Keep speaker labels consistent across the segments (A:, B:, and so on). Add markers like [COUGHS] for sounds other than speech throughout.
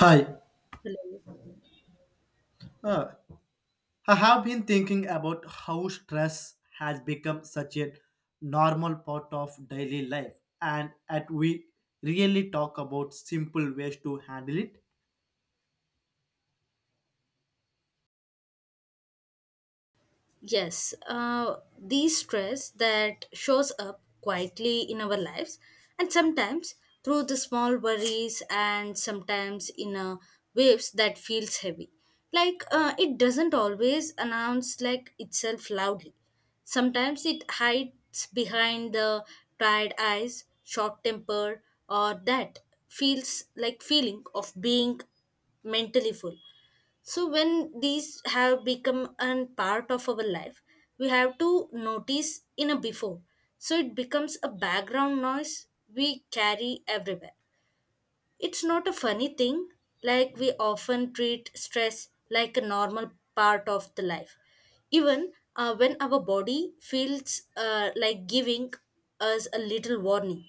A: Hi. Uh, I have been thinking about how stress has become such a normal part of daily life, and at we really talk about simple ways to handle it.
B: Yes, the stress that shows up quietly in our lives, and sometimes through the small worries, and sometimes in waves that feels heavy. Like it doesn't always announce like itself loudly. Sometimes it hides behind the tired eyes, short temper, or that feels like feeling of being mentally full. So when these have become a part of our life, we have to notice in a before. So it becomes a background noise we carry everywhere. It's not a funny thing, like we often treat stress like a normal part of the life. Even when our body feels like giving us a little warning,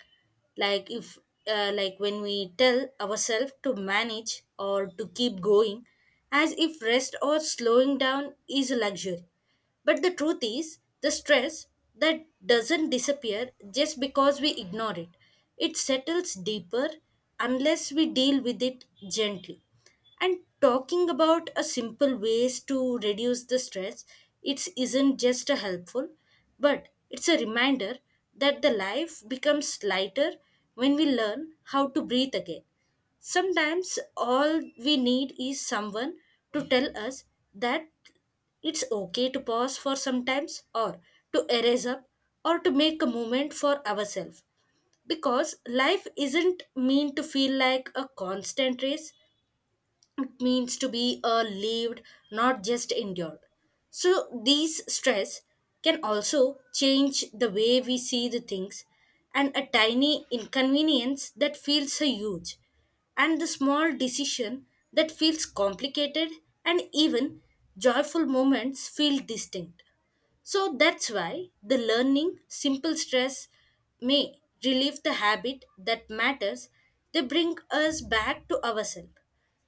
B: like if like when we tell ourselves to manage or to keep going, as if rest or slowing down is a luxury. But the truth is, the stress that doesn't disappear just because we ignore it. It settles deeper unless we deal with it gently. And talking about a simple ways to reduce the stress, it isn't just a helpful, but it's a reminder that the life becomes lighter when we learn how to breathe again. Sometimes all we need is someone to tell us that it's okay to pause for sometimes or to erase up or to make a moment for ourselves, because life isn't meant to feel like a constant race. It means to be lived, not just endured. So these stress can also change the way we see the things, and a tiny inconvenience that feels so huge, and the small decision that feels complicated, and even joyful moments feel distinct. So that's why the learning simple stress may relieve the habit that matters, they bring us back to ourselves.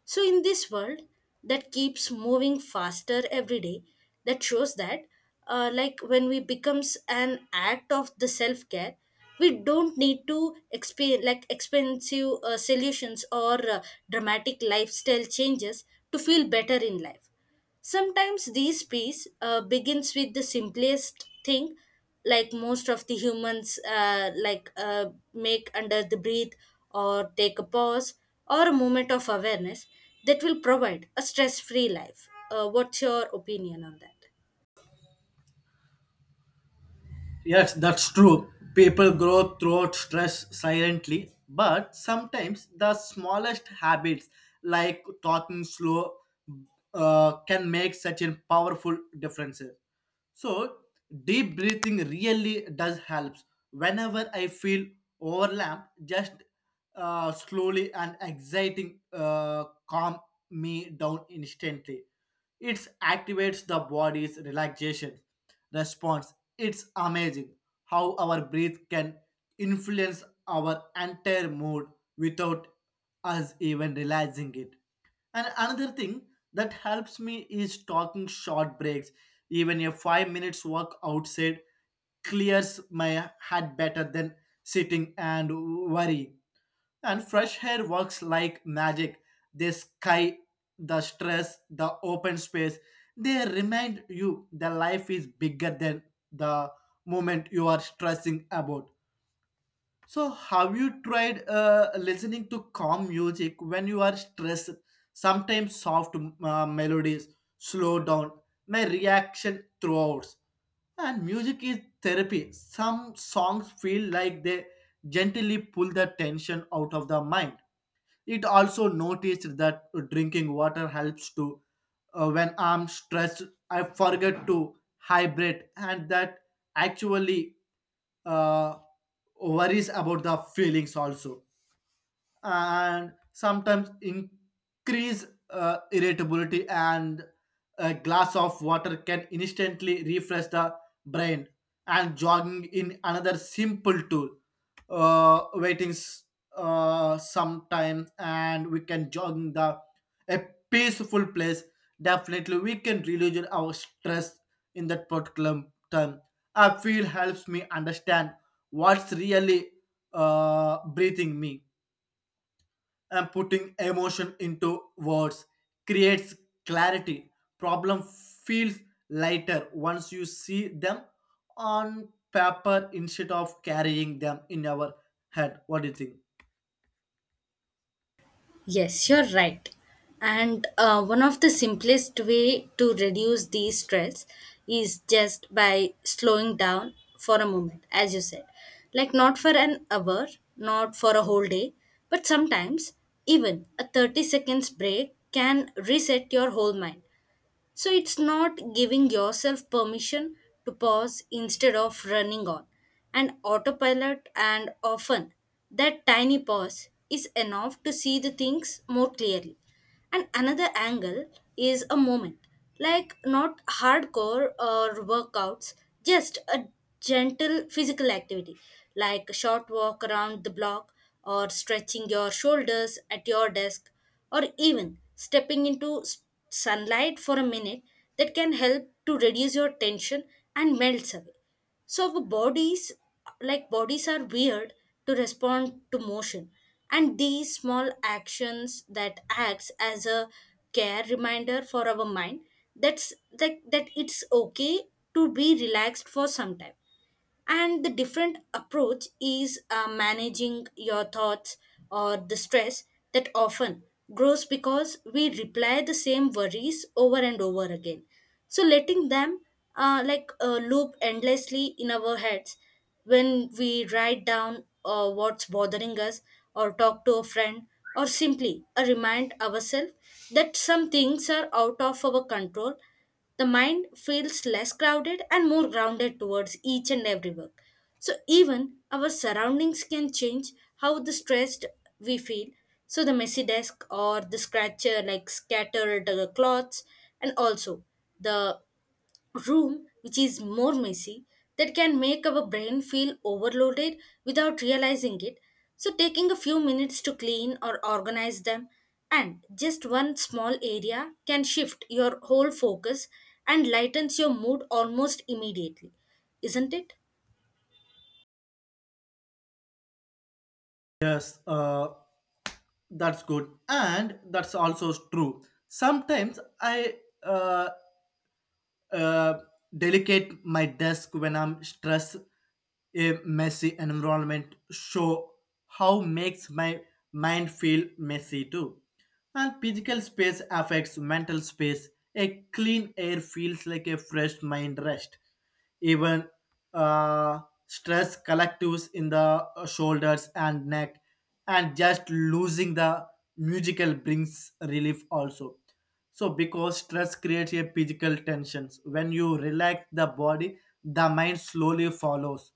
B: So in this world that keeps moving faster every day, that shows that like when we becomes an act of the self care, we don't need to expensive solutions or dramatic lifestyle changes to feel better in life. Sometimes these peace begins with the simplest thing, like most of the humans make under the breathe, or take a pause, or a moment of awareness that will provide a stress-free life. What's your opinion on that?
A: Yes, that's true. People grow through stress silently, but sometimes the smallest habits like talking slow can make such a powerful difference. So deep breathing really does helps. Whenever I feel overwhelmed, just slowly and exciting calm me down instantly. It activates the body's relaxation response. It's amazing how our breath can influence our entire mood without us even realizing it. And another thing that helps me is talking short breaks. Even a 5-minute walk outside clears my head better than sitting and worry. And fresh air works like magic. The sky, the stress, the open space, they remind you the life is bigger than the moment you are stressing about. So, have you tried listening to calm music when you are stressed? Sometimes soft melodies slow down my reaction throughout. And music is therapy. Some songs feel like they gently pull the tension out of the mind. It also noticed that drinking water helps to when I'm stressed, I forget to hydrate, and that actually uh, worries about the feelings also, and sometimes increase irritability, and a glass of water can instantly refresh the brain, and jogging in another simple tool, waitings sometimes, and we can jog in the a peaceful place, definitely we can reduce our stress in that particular time. I feel helps me understand what's really breathing me, and putting emotion into words creates clarity. Problem feels lighter once you see them on paper instead of carrying them in our head. What do you think?
B: Yes, you're right. And one of the simplest way to reduce the stress is just by slowing down for a moment, as you said. Like not for an hour, not for a whole day, but sometimes even a 30 seconds break can reset your whole mind. So it's not giving yourself permission to pause instead of running on. And autopilot, and often that tiny pause is enough to see the things more clearly. And another angle is a moment, like not hardcore or workouts, just a gentle physical activity, like a short walk around the block, or stretching your shoulders at your desk, or even stepping into sunlight for a minute that can help to reduce your tension and melts away. So our bodies are weird to respond to motion, and these small actions that acts as a care reminder for our mind that it's okay to be relaxed for some time. And the different approach is managing your thoughts or the stress that often grows because we reply the same worries over and over again, so letting them loop endlessly in our heads. When we write down what's bothering us, or talk to a friend, or simply remind ourselves that some things are out of our control, the mind feels less crowded and more grounded towards each and every work. So, even our surroundings can change how the stressed we feel. So, the messy desk or the scratcher, like scattered cloths, and also the room which is more messy, that can make our brain feel overloaded without realizing it. So, taking a few minutes to clean or organize them, and just one small area can shift your whole focus and lightens your mood almost immediately, isn't it?
A: Yes, that's good, and that's also true. Sometimes I uh, uh, delicate my desk when I'm stressed. A messy environment show how makes my mind feel messy too. And physical space affects mental space. A clean air feels like a fresh mind rest. Even uh, stress collectives in the shoulders and neck, and just losing the musical brings relief also. So because stress creates a physical tensions, when you relax the body the mind slowly follows.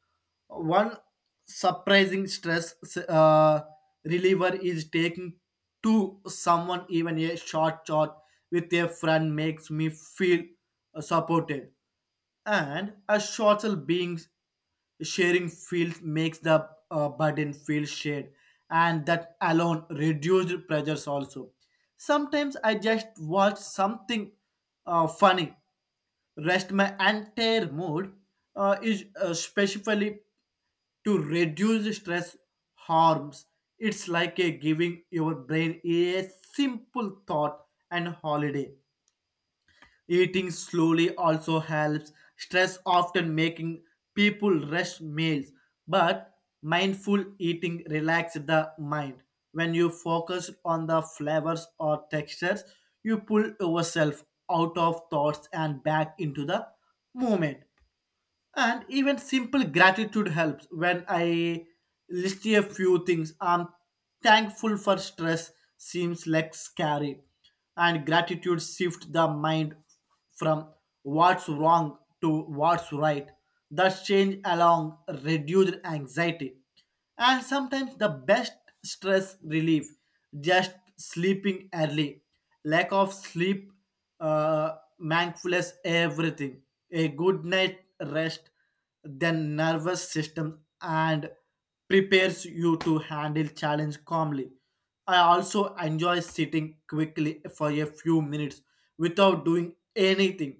A: One surprising stress uh, reliever is taking to someone. Even a short chat with a friend makes me feel supported, and a shorter being sharing field makes the burden feel shared, and that alone reduced pressures also. Sometimes I just watch something funny, rest my entire mood, is specifically to reduce stress harms. It's like a giving your brain a simple thought and holiday. Eating slowly also helps stress, often making people rush meals, but mindful eating relaxes the mind. When you focus on the flavors or textures, you pull yourself out of thoughts and back into the moment. And even simple gratitude helps. When I list a few things I'm thankful for, stress seems like scary, and gratitude shifts the mind from what's wrong to what's right. That change along reduced anxiety. And sometimes the best stress relief, just sleeping early. Lack of sleep mindfulness everything. A good night rest, then nervous system and prepares you to handle challenge calmly. I also enjoy sitting quickly for a few minutes without doing anything.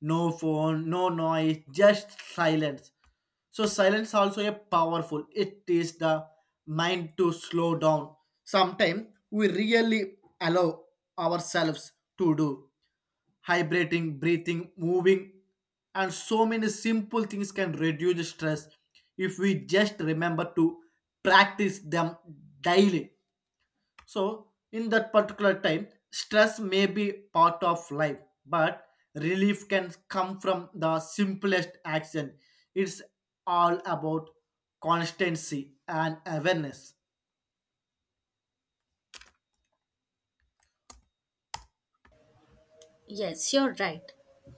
A: No phone, no noise, just silence. So silence also a powerful. It is the mind to slow down. Sometimes we really allow ourselves to do hydrating, breathing, moving, and so many simple things can reduce stress if we just remember to practice them daily. So, in that particular time, stress may be part of life, but relief can come from the simplest action. It's all about constancy and awareness.
B: Yes, you're right.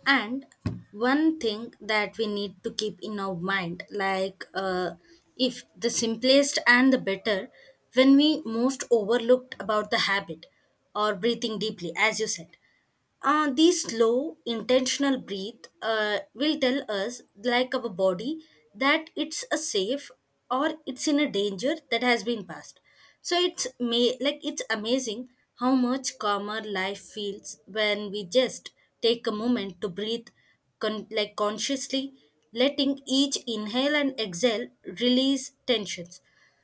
B: And one thing that we need to keep in our mind, like, if the simplest and the better, when we most overlooked about the habit or breathing deeply, as you said. These slow, intentional breath will tell us, like our body, that it's a safe or it's in a danger that has been passed. So it's may like it's amazing how much calmer life feels when we just take a moment to breathe, consciously letting each inhale and exhale release tensions.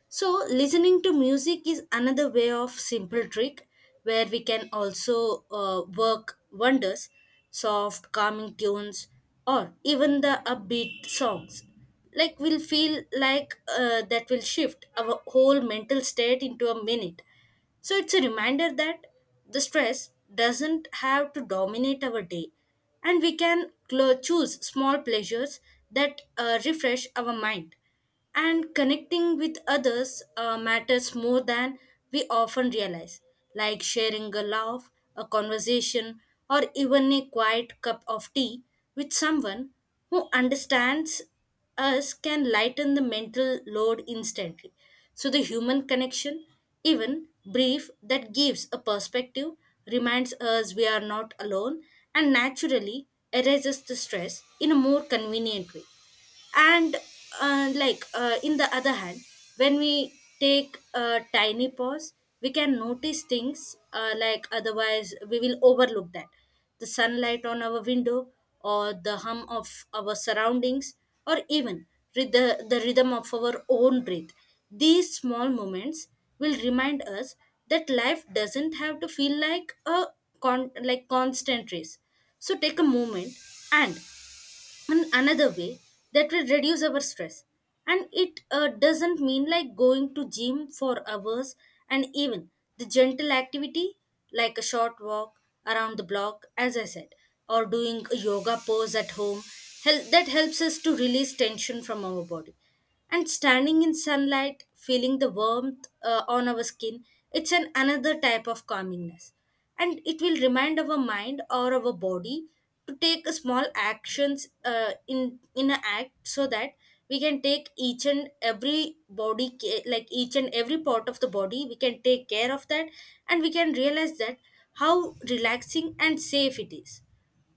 B: So, listening to music is another way of simple trick where we can also work wonders, soft, calming tunes, or even the upbeat songs. Like, we'll feel like that will shift our whole mental state into a minute. So, it's a reminder that the stress doesn't have to dominate our day, and we can choose small pleasures that refresh our mind. And connecting with others matters more than we often realize, like sharing a laugh, a conversation, or even a quiet cup of tea with someone who understands us, can lighten the mental load instantly. So the human connection, even brief, that gives a perspective, reminds us we are not alone and naturally erases the stress in a more convenient way. And in the other hand, when we take a tiny pause, we can notice things like otherwise we will overlook, that the sunlight on our window, or the hum of our surroundings, or even with the rhythm of our own breath. These small moments will remind us that life doesn't have to feel like a constant race. So take a moment, and in another way that will reduce our stress, and it doesn't mean like going to gym for hours. And even the gentle activity, like a short walk around the block as I said, or doing a yoga pose at home, that helps us to release tension from our body. And standing in sunlight feeling the warmth on our skin, it's an another type of calmingness, and it will remind our mind or our body to take a small actions in an act, so that we can take each and every part of the body we can take care of that, and we can realize that how relaxing and safe it is.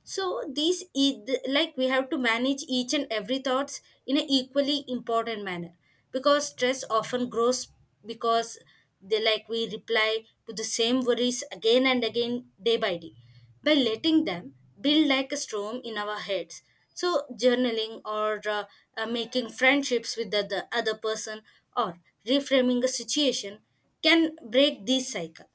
B: So these e- th- like we have to manage each and every thoughts in an equally important manner, because stress often grows because they like we reply to the same worries again and again day by day, by letting them build like a storm in our heads. So journaling, or making friendships with the other person, or reframing a situation can break this cycle.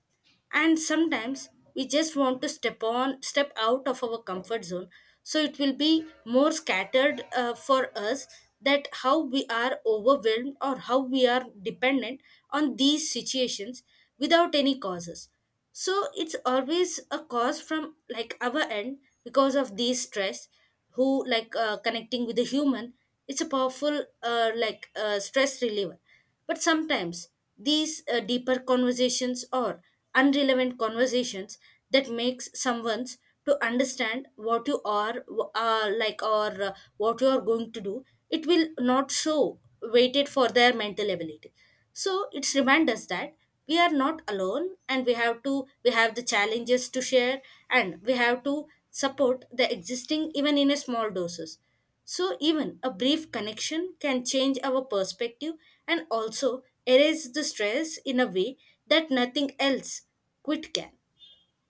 B: And sometimes we just want to step out of our comfort zone, so it will be more scattered for us, that how we are overwhelmed or how we are dependent on these situations without any causes. So it's always a cause from like our end, because of these stress, who like connecting with a human, it's a powerful stress reliever. But sometimes these deeper conversations or irrelevant conversations that makes someone's to understand what you are like or what you are going to do, it will not so waited for their mental ability. So it's remind us that we are not alone, and we have the challenges to share, and we have to support the existing even in a small doses. So, even a brief connection can change our perspective and also erase the stress in a way that nothing else quit can.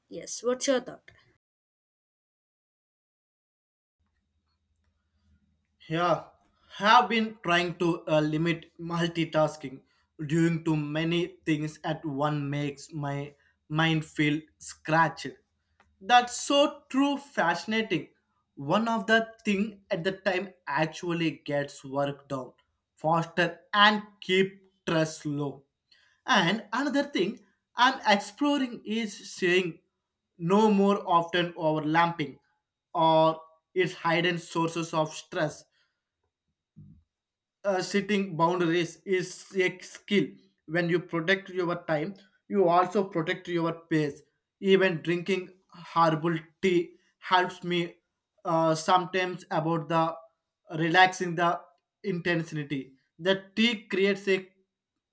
B: Yes, what's your thought?
A: Yeah, have been trying to limit multitasking. Doing too many things at one makes my mind feel scratched. That's so true, fascinating. One of the thing at the time actually gets work down faster and keep stress low. And another thing I'm exploring is saying no more often, overlapping or its hidden sources of stress. Setting boundaries is a skill. When you protect your time, you also protect your pace. Even drinking herbal tea helps me sometimes about the relaxing the intensity. The tea creates a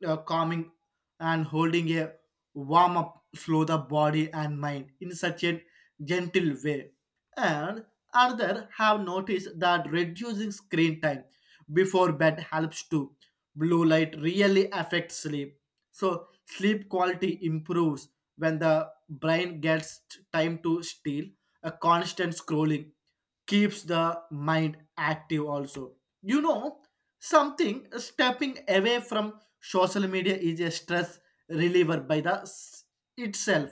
A: calming, and holding a warm up, slow the body and mind in such a gentle way. And others have noticed that reducing screen time before bed helps too. Blue light really affects sleep. So sleep quality improves when the brain gets time to steal. A constant scrolling keeps the mind active also. You know, something stepping away from social media is a stress reliever by the itself,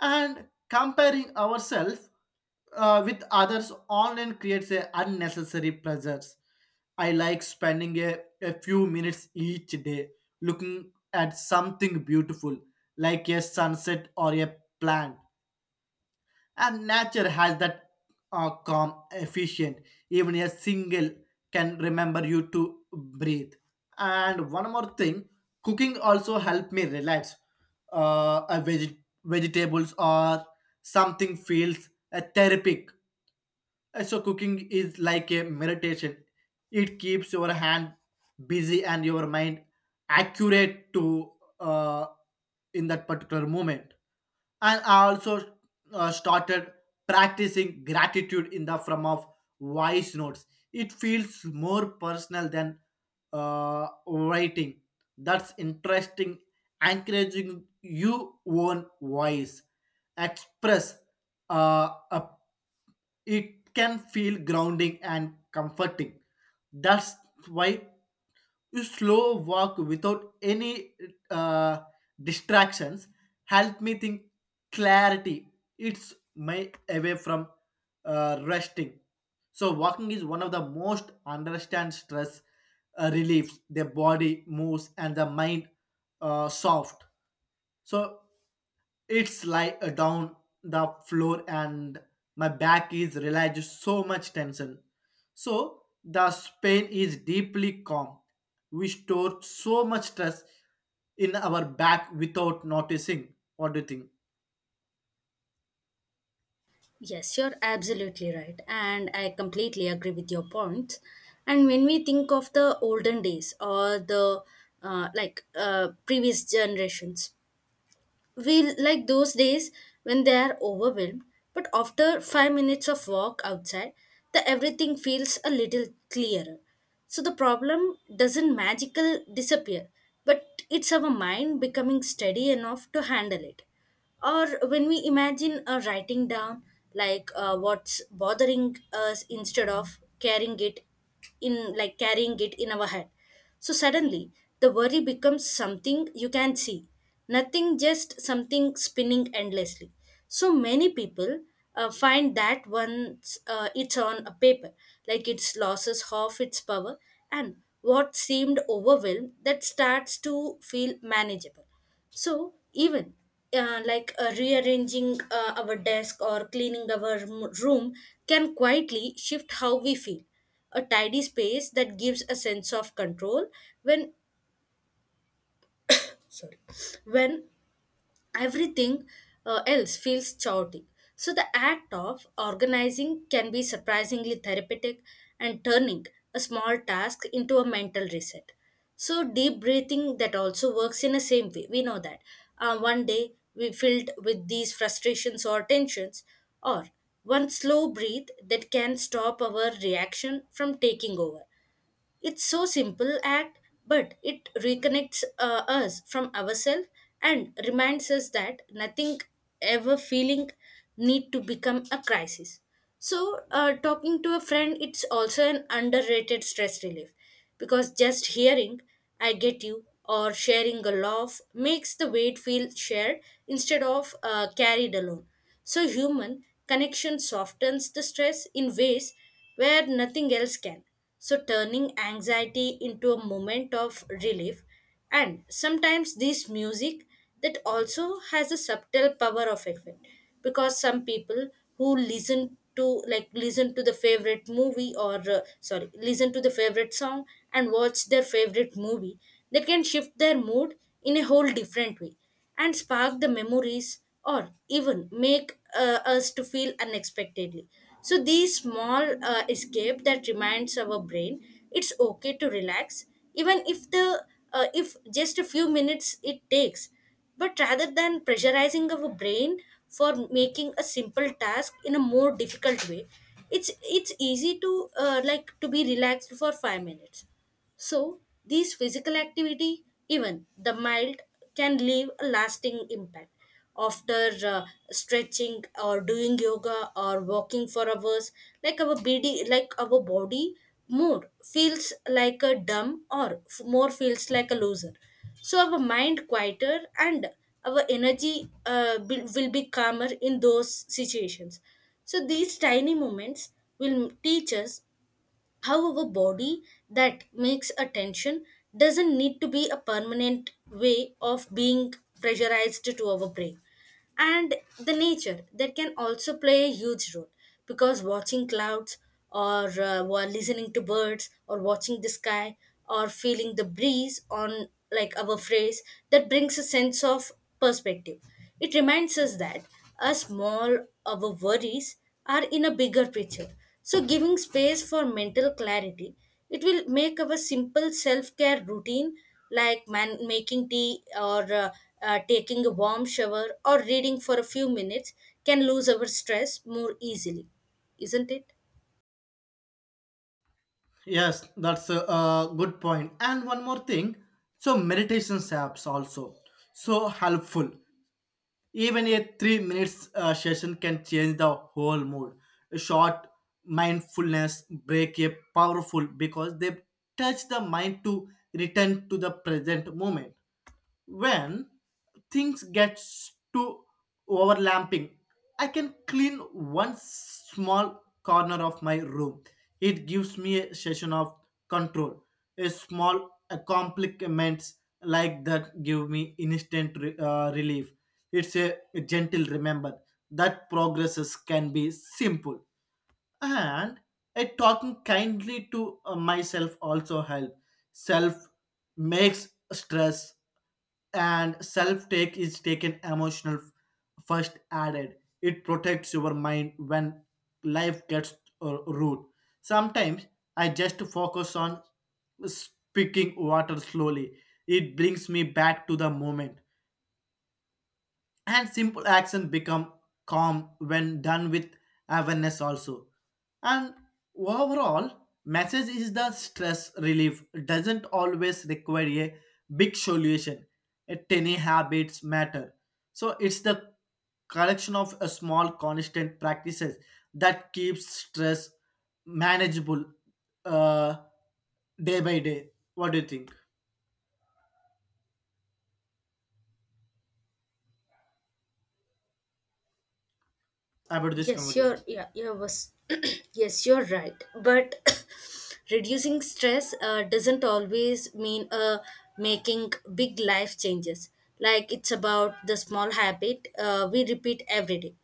A: and comparing ourselves with others online creates a unnecessary pressures. I like spending a few minutes each day looking at something beautiful, like a sunset or a plant. And nature has that calm, efficient. Even a single can remember you to breathe. And one more thing, cooking also helped me relax. Vegetables or something feels a therapeutic so cooking is like a meditation. It keeps your hand busy and your mind accurate to uh, in that particular moment. And I also started practicing gratitude in the form of voice notes. It feels more personal than writing. That's interesting. Encouraging you own voice, express a it can feel grounding and comforting. That's why you slow walk without any uh, distractions help me think clarity. It's my away from resting. So walking is one of the most understand stress reliefs. The body moves and the mind soft. So it's like a down the floor, and my back is relaxed so much tension. So the pain is deeply calm. We store so much stress in our back without noticing. What do you think?
B: Yes, you're absolutely right. And I completely agree with your points. And when we think of the olden days or the previous generations, we like those days when they are overwhelmed, but after 5 minutes of walk outside, the everything feels a little clearer. So the problem doesn't magical disappear, but it's our mind becoming steady enough to handle it, or when we imagine writing down what's bothering us instead of carrying it in, our head. So suddenly, the worry becomes something you can see, nothing just something spinning endlessly. So many people find that once it's on a paper, like it's losses, half its power, and what seemed overwhelmed that starts to feel manageable. So even like rearranging our desk or cleaning our room can quietly shift how we feel, a tidy space that gives a sense of control when when everything else feels chaotic. So the act of organizing can be surprisingly therapeutic, and turning a small task into a mental reset. So deep breathing that also works in the same way. We know that one day we filled with these frustrations or tensions, or one slow breath that can stop our reaction from taking over. It's so simple act, but it reconnects us from ourselves and reminds us that nothing ever feeling need to become a crisis. So, talking to a friend, it's also an underrated stress relief, because just hearing "I get you" or sharing a laugh makes the weight feel shared instead of carried alone. So, human connection softens the stress in ways where nothing else can. So, turning anxiety into a moment of relief. And sometimes this music, that also has a subtle power of effect, because some people who listen to like listen to the favorite movie or sorry, listen to the favorite song and watch their favorite movie, they can shift their mood in a whole different way and spark the memories or even make us to feel unexpectedly. So these small escape that reminds our brain it's okay to relax, even if the if just a few minutes it takes. But rather than pressurizing our brain for making a simple task in a more difficult way, it's easy to like to be relaxed for 5 minutes. So, these physical activity, even the mild, can leave a lasting impact. After stretching or doing yoga or walking for hours, like our body more feels like a dumb or more feels like a loser. So our mind quieter and our energy will be calmer in those situations. So these tiny moments will teach us. However, body that makes attention doesn't need to be a permanent way of being pressurized to our brain. And the nature that can also play a huge role, because watching clouds or, while listening to birds or watching the sky or feeling the breeze on like our phrase, that brings a sense of perspective. It reminds us that a small, our worries are in a bigger picture. So giving space for mental clarity, it will make our simple self-care routine, like making tea or taking a warm shower or reading for a few minutes, can lose our stress more easily, isn't it?
A: Yes, that's a good point. And one more thing, so meditations apps also so helpful. Even a 3-minute session can change the whole mood. A short mindfulness break a powerful, because they touch the mind to return to the present moment. When things get too overlapping, I can clean one small corner of my room. It gives me a session of control. A small accomplishments like that give me instant relief. It's a gentle remember that progresses can be simple. And a talking kindly to myself also help. Self makes stress, and self take is taken emotional first added. It protects your mind when life gets rude. Sometimes I just focus on speaking water slowly. It brings me back to the moment, and simple action become calm when done with awareness also. And overall message is the stress relief doesn't always require a big solution. A tiny habits matter. So it's the collection of a small constant practices that keeps stress manageable, uh, day by day. What do you think about this
B: Yes, you're
A: conversation?
B: yeah, yeah was [CLEARS THROAT] yes, you're right. But [COUGHS] reducing stress doesn't always mean making big life changes. Like, it's about the small habit we repeat every day,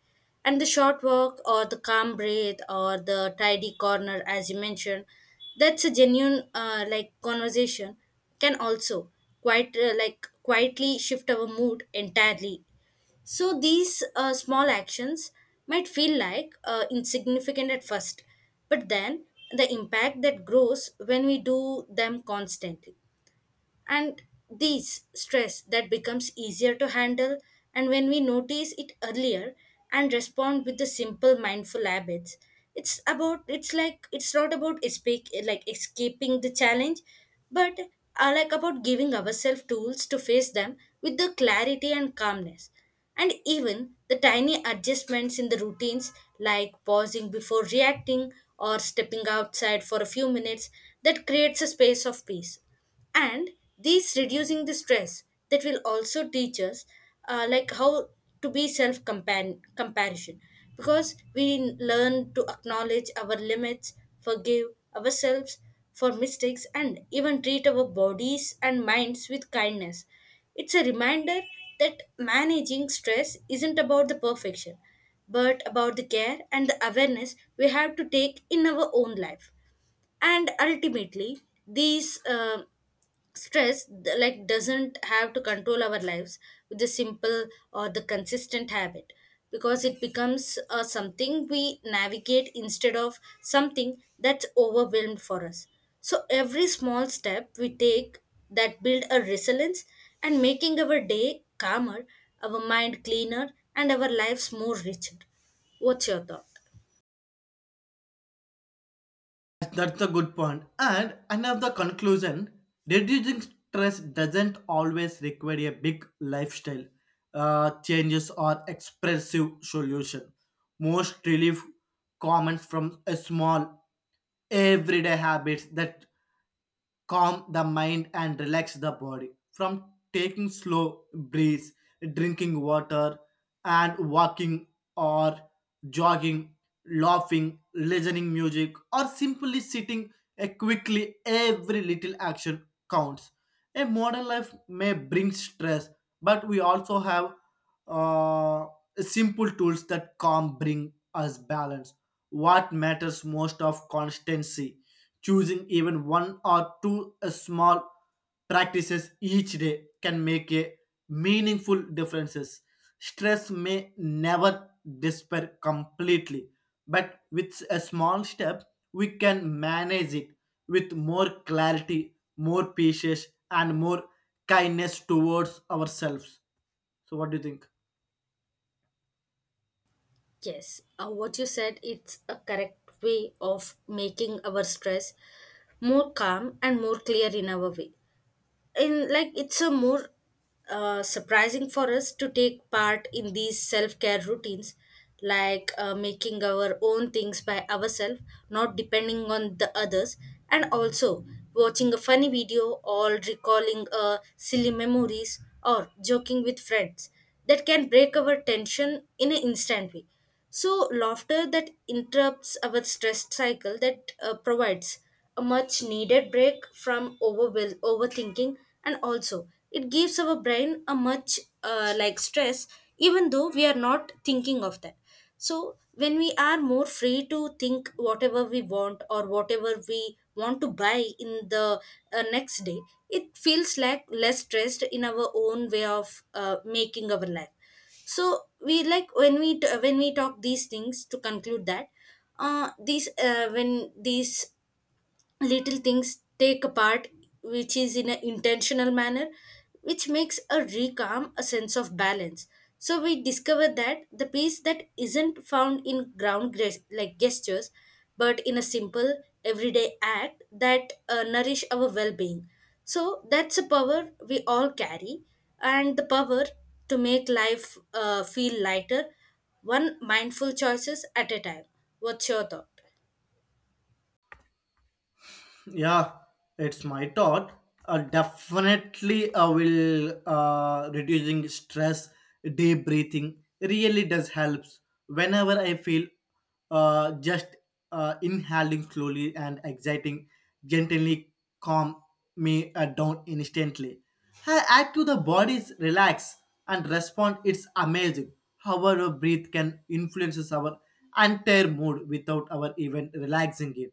B: and the short walk or the calm breath or the tidy corner, as you mentioned, that's a genuine like conversation, can also quite like quietly shift our mood entirely. So these small actions might feel like insignificant at first, but then the impact that grows when we do them constantly. And these stress that becomes easier to handle, and when we notice it earlier and respond with the simple mindful habits, it's not about escape, like escaping the challenge, but are like about giving ourselves tools to face them with the clarity and calmness. And even the tiny adjustments in the routines, like pausing before reacting or stepping outside for a few minutes, that creates a space of peace. And these reducing the stress that will also teach us, like how to be self comparison, because we learn to acknowledge our limits, forgive ourselves for mistakes, and even treat our bodies and minds with kindness. It's a reminder that managing stress isn't about the perfection, but about the care and the awareness we have to take in our own life. And ultimately, these stress like doesn't have to control our lives. With the simple or the consistent habit, because it becomes something we navigate instead of something that's overwhelmed for us. So every small step we take that build a resilience, and making our day calmer, our mind cleaner, and our lives more richer. What's your thought?
A: That's the good point. And another conclusion, reducing stress doesn't always require a big lifestyle changes or expressive solution. Most relief comments from a small everyday habits that calm the mind and relax the body, from taking slow breaths, drinking water, and walking or jogging, laughing, listening music, or simply sitting eh, quickly, every little action counts. A modern life may bring stress, but we also have uh, simple tools that calm bring us balance. What matters most of constancy. Choosing even one or two small practices each day can make a meaningful differences. Stress may never disappear completely, but with a small step, we can manage it with more clarity, more patience, and more kindness towards ourselves. So, what do you think?
B: Yes, what you said it's a correct way of making our stress more calm and more clear in our way. And like, it's a more surprising for us to take part in these self-care routines, like making our own things by ourselves, not depending on the others. And also watching a funny video or recalling silly memories or joking with friends, that can break our tension in an instant way. So, laughter that interrupts our stress cycle, that provides a much needed break from overthinking. And also it gives our brain a much like stress, even though we are not thinking of that. So, when we are more free to think whatever we want or whatever we want to buy in the next day, it feels like less stressed in our own way of making our life. So we like when we talk these things to conclude that these when these little things take apart, which is in an intentional manner, which makes a recalm a sense of balance. So we discover that the peace that isn't found in ground like gestures, but in a simple everyday act that nourish our well-being. So that's a power we all carry, and the power to make life feel lighter, one mindful choices at a time. What's your thought?
A: Yeah, it's my thought. Definitely, I will reducing stress, deep breathing really does helps. Whenever I feel just inhaling slowly and exciting, gently calm me down instantly. I add to the body's relax and respond. It's amazing how our breath can influences our entire mood without our even relaxing it.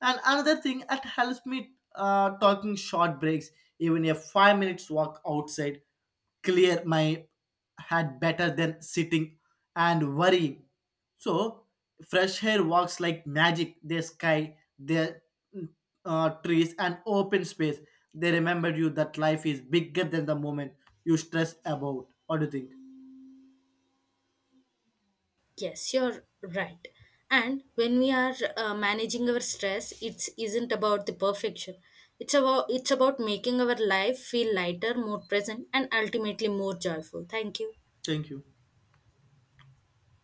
A: And another thing that helps me talking short breaks, even a 5-minute walk outside, clear my head better than sitting and worrying. So fresh air walks like magic. The sky, the trees, and open space. They remember you that life is bigger than the moment you stress about. What do you think?
B: Yes, you're right. And when we are managing our stress, it isn't about the perfection. It's about making our life feel lighter, more present, and ultimately more joyful. Thank you.
A: Thank you.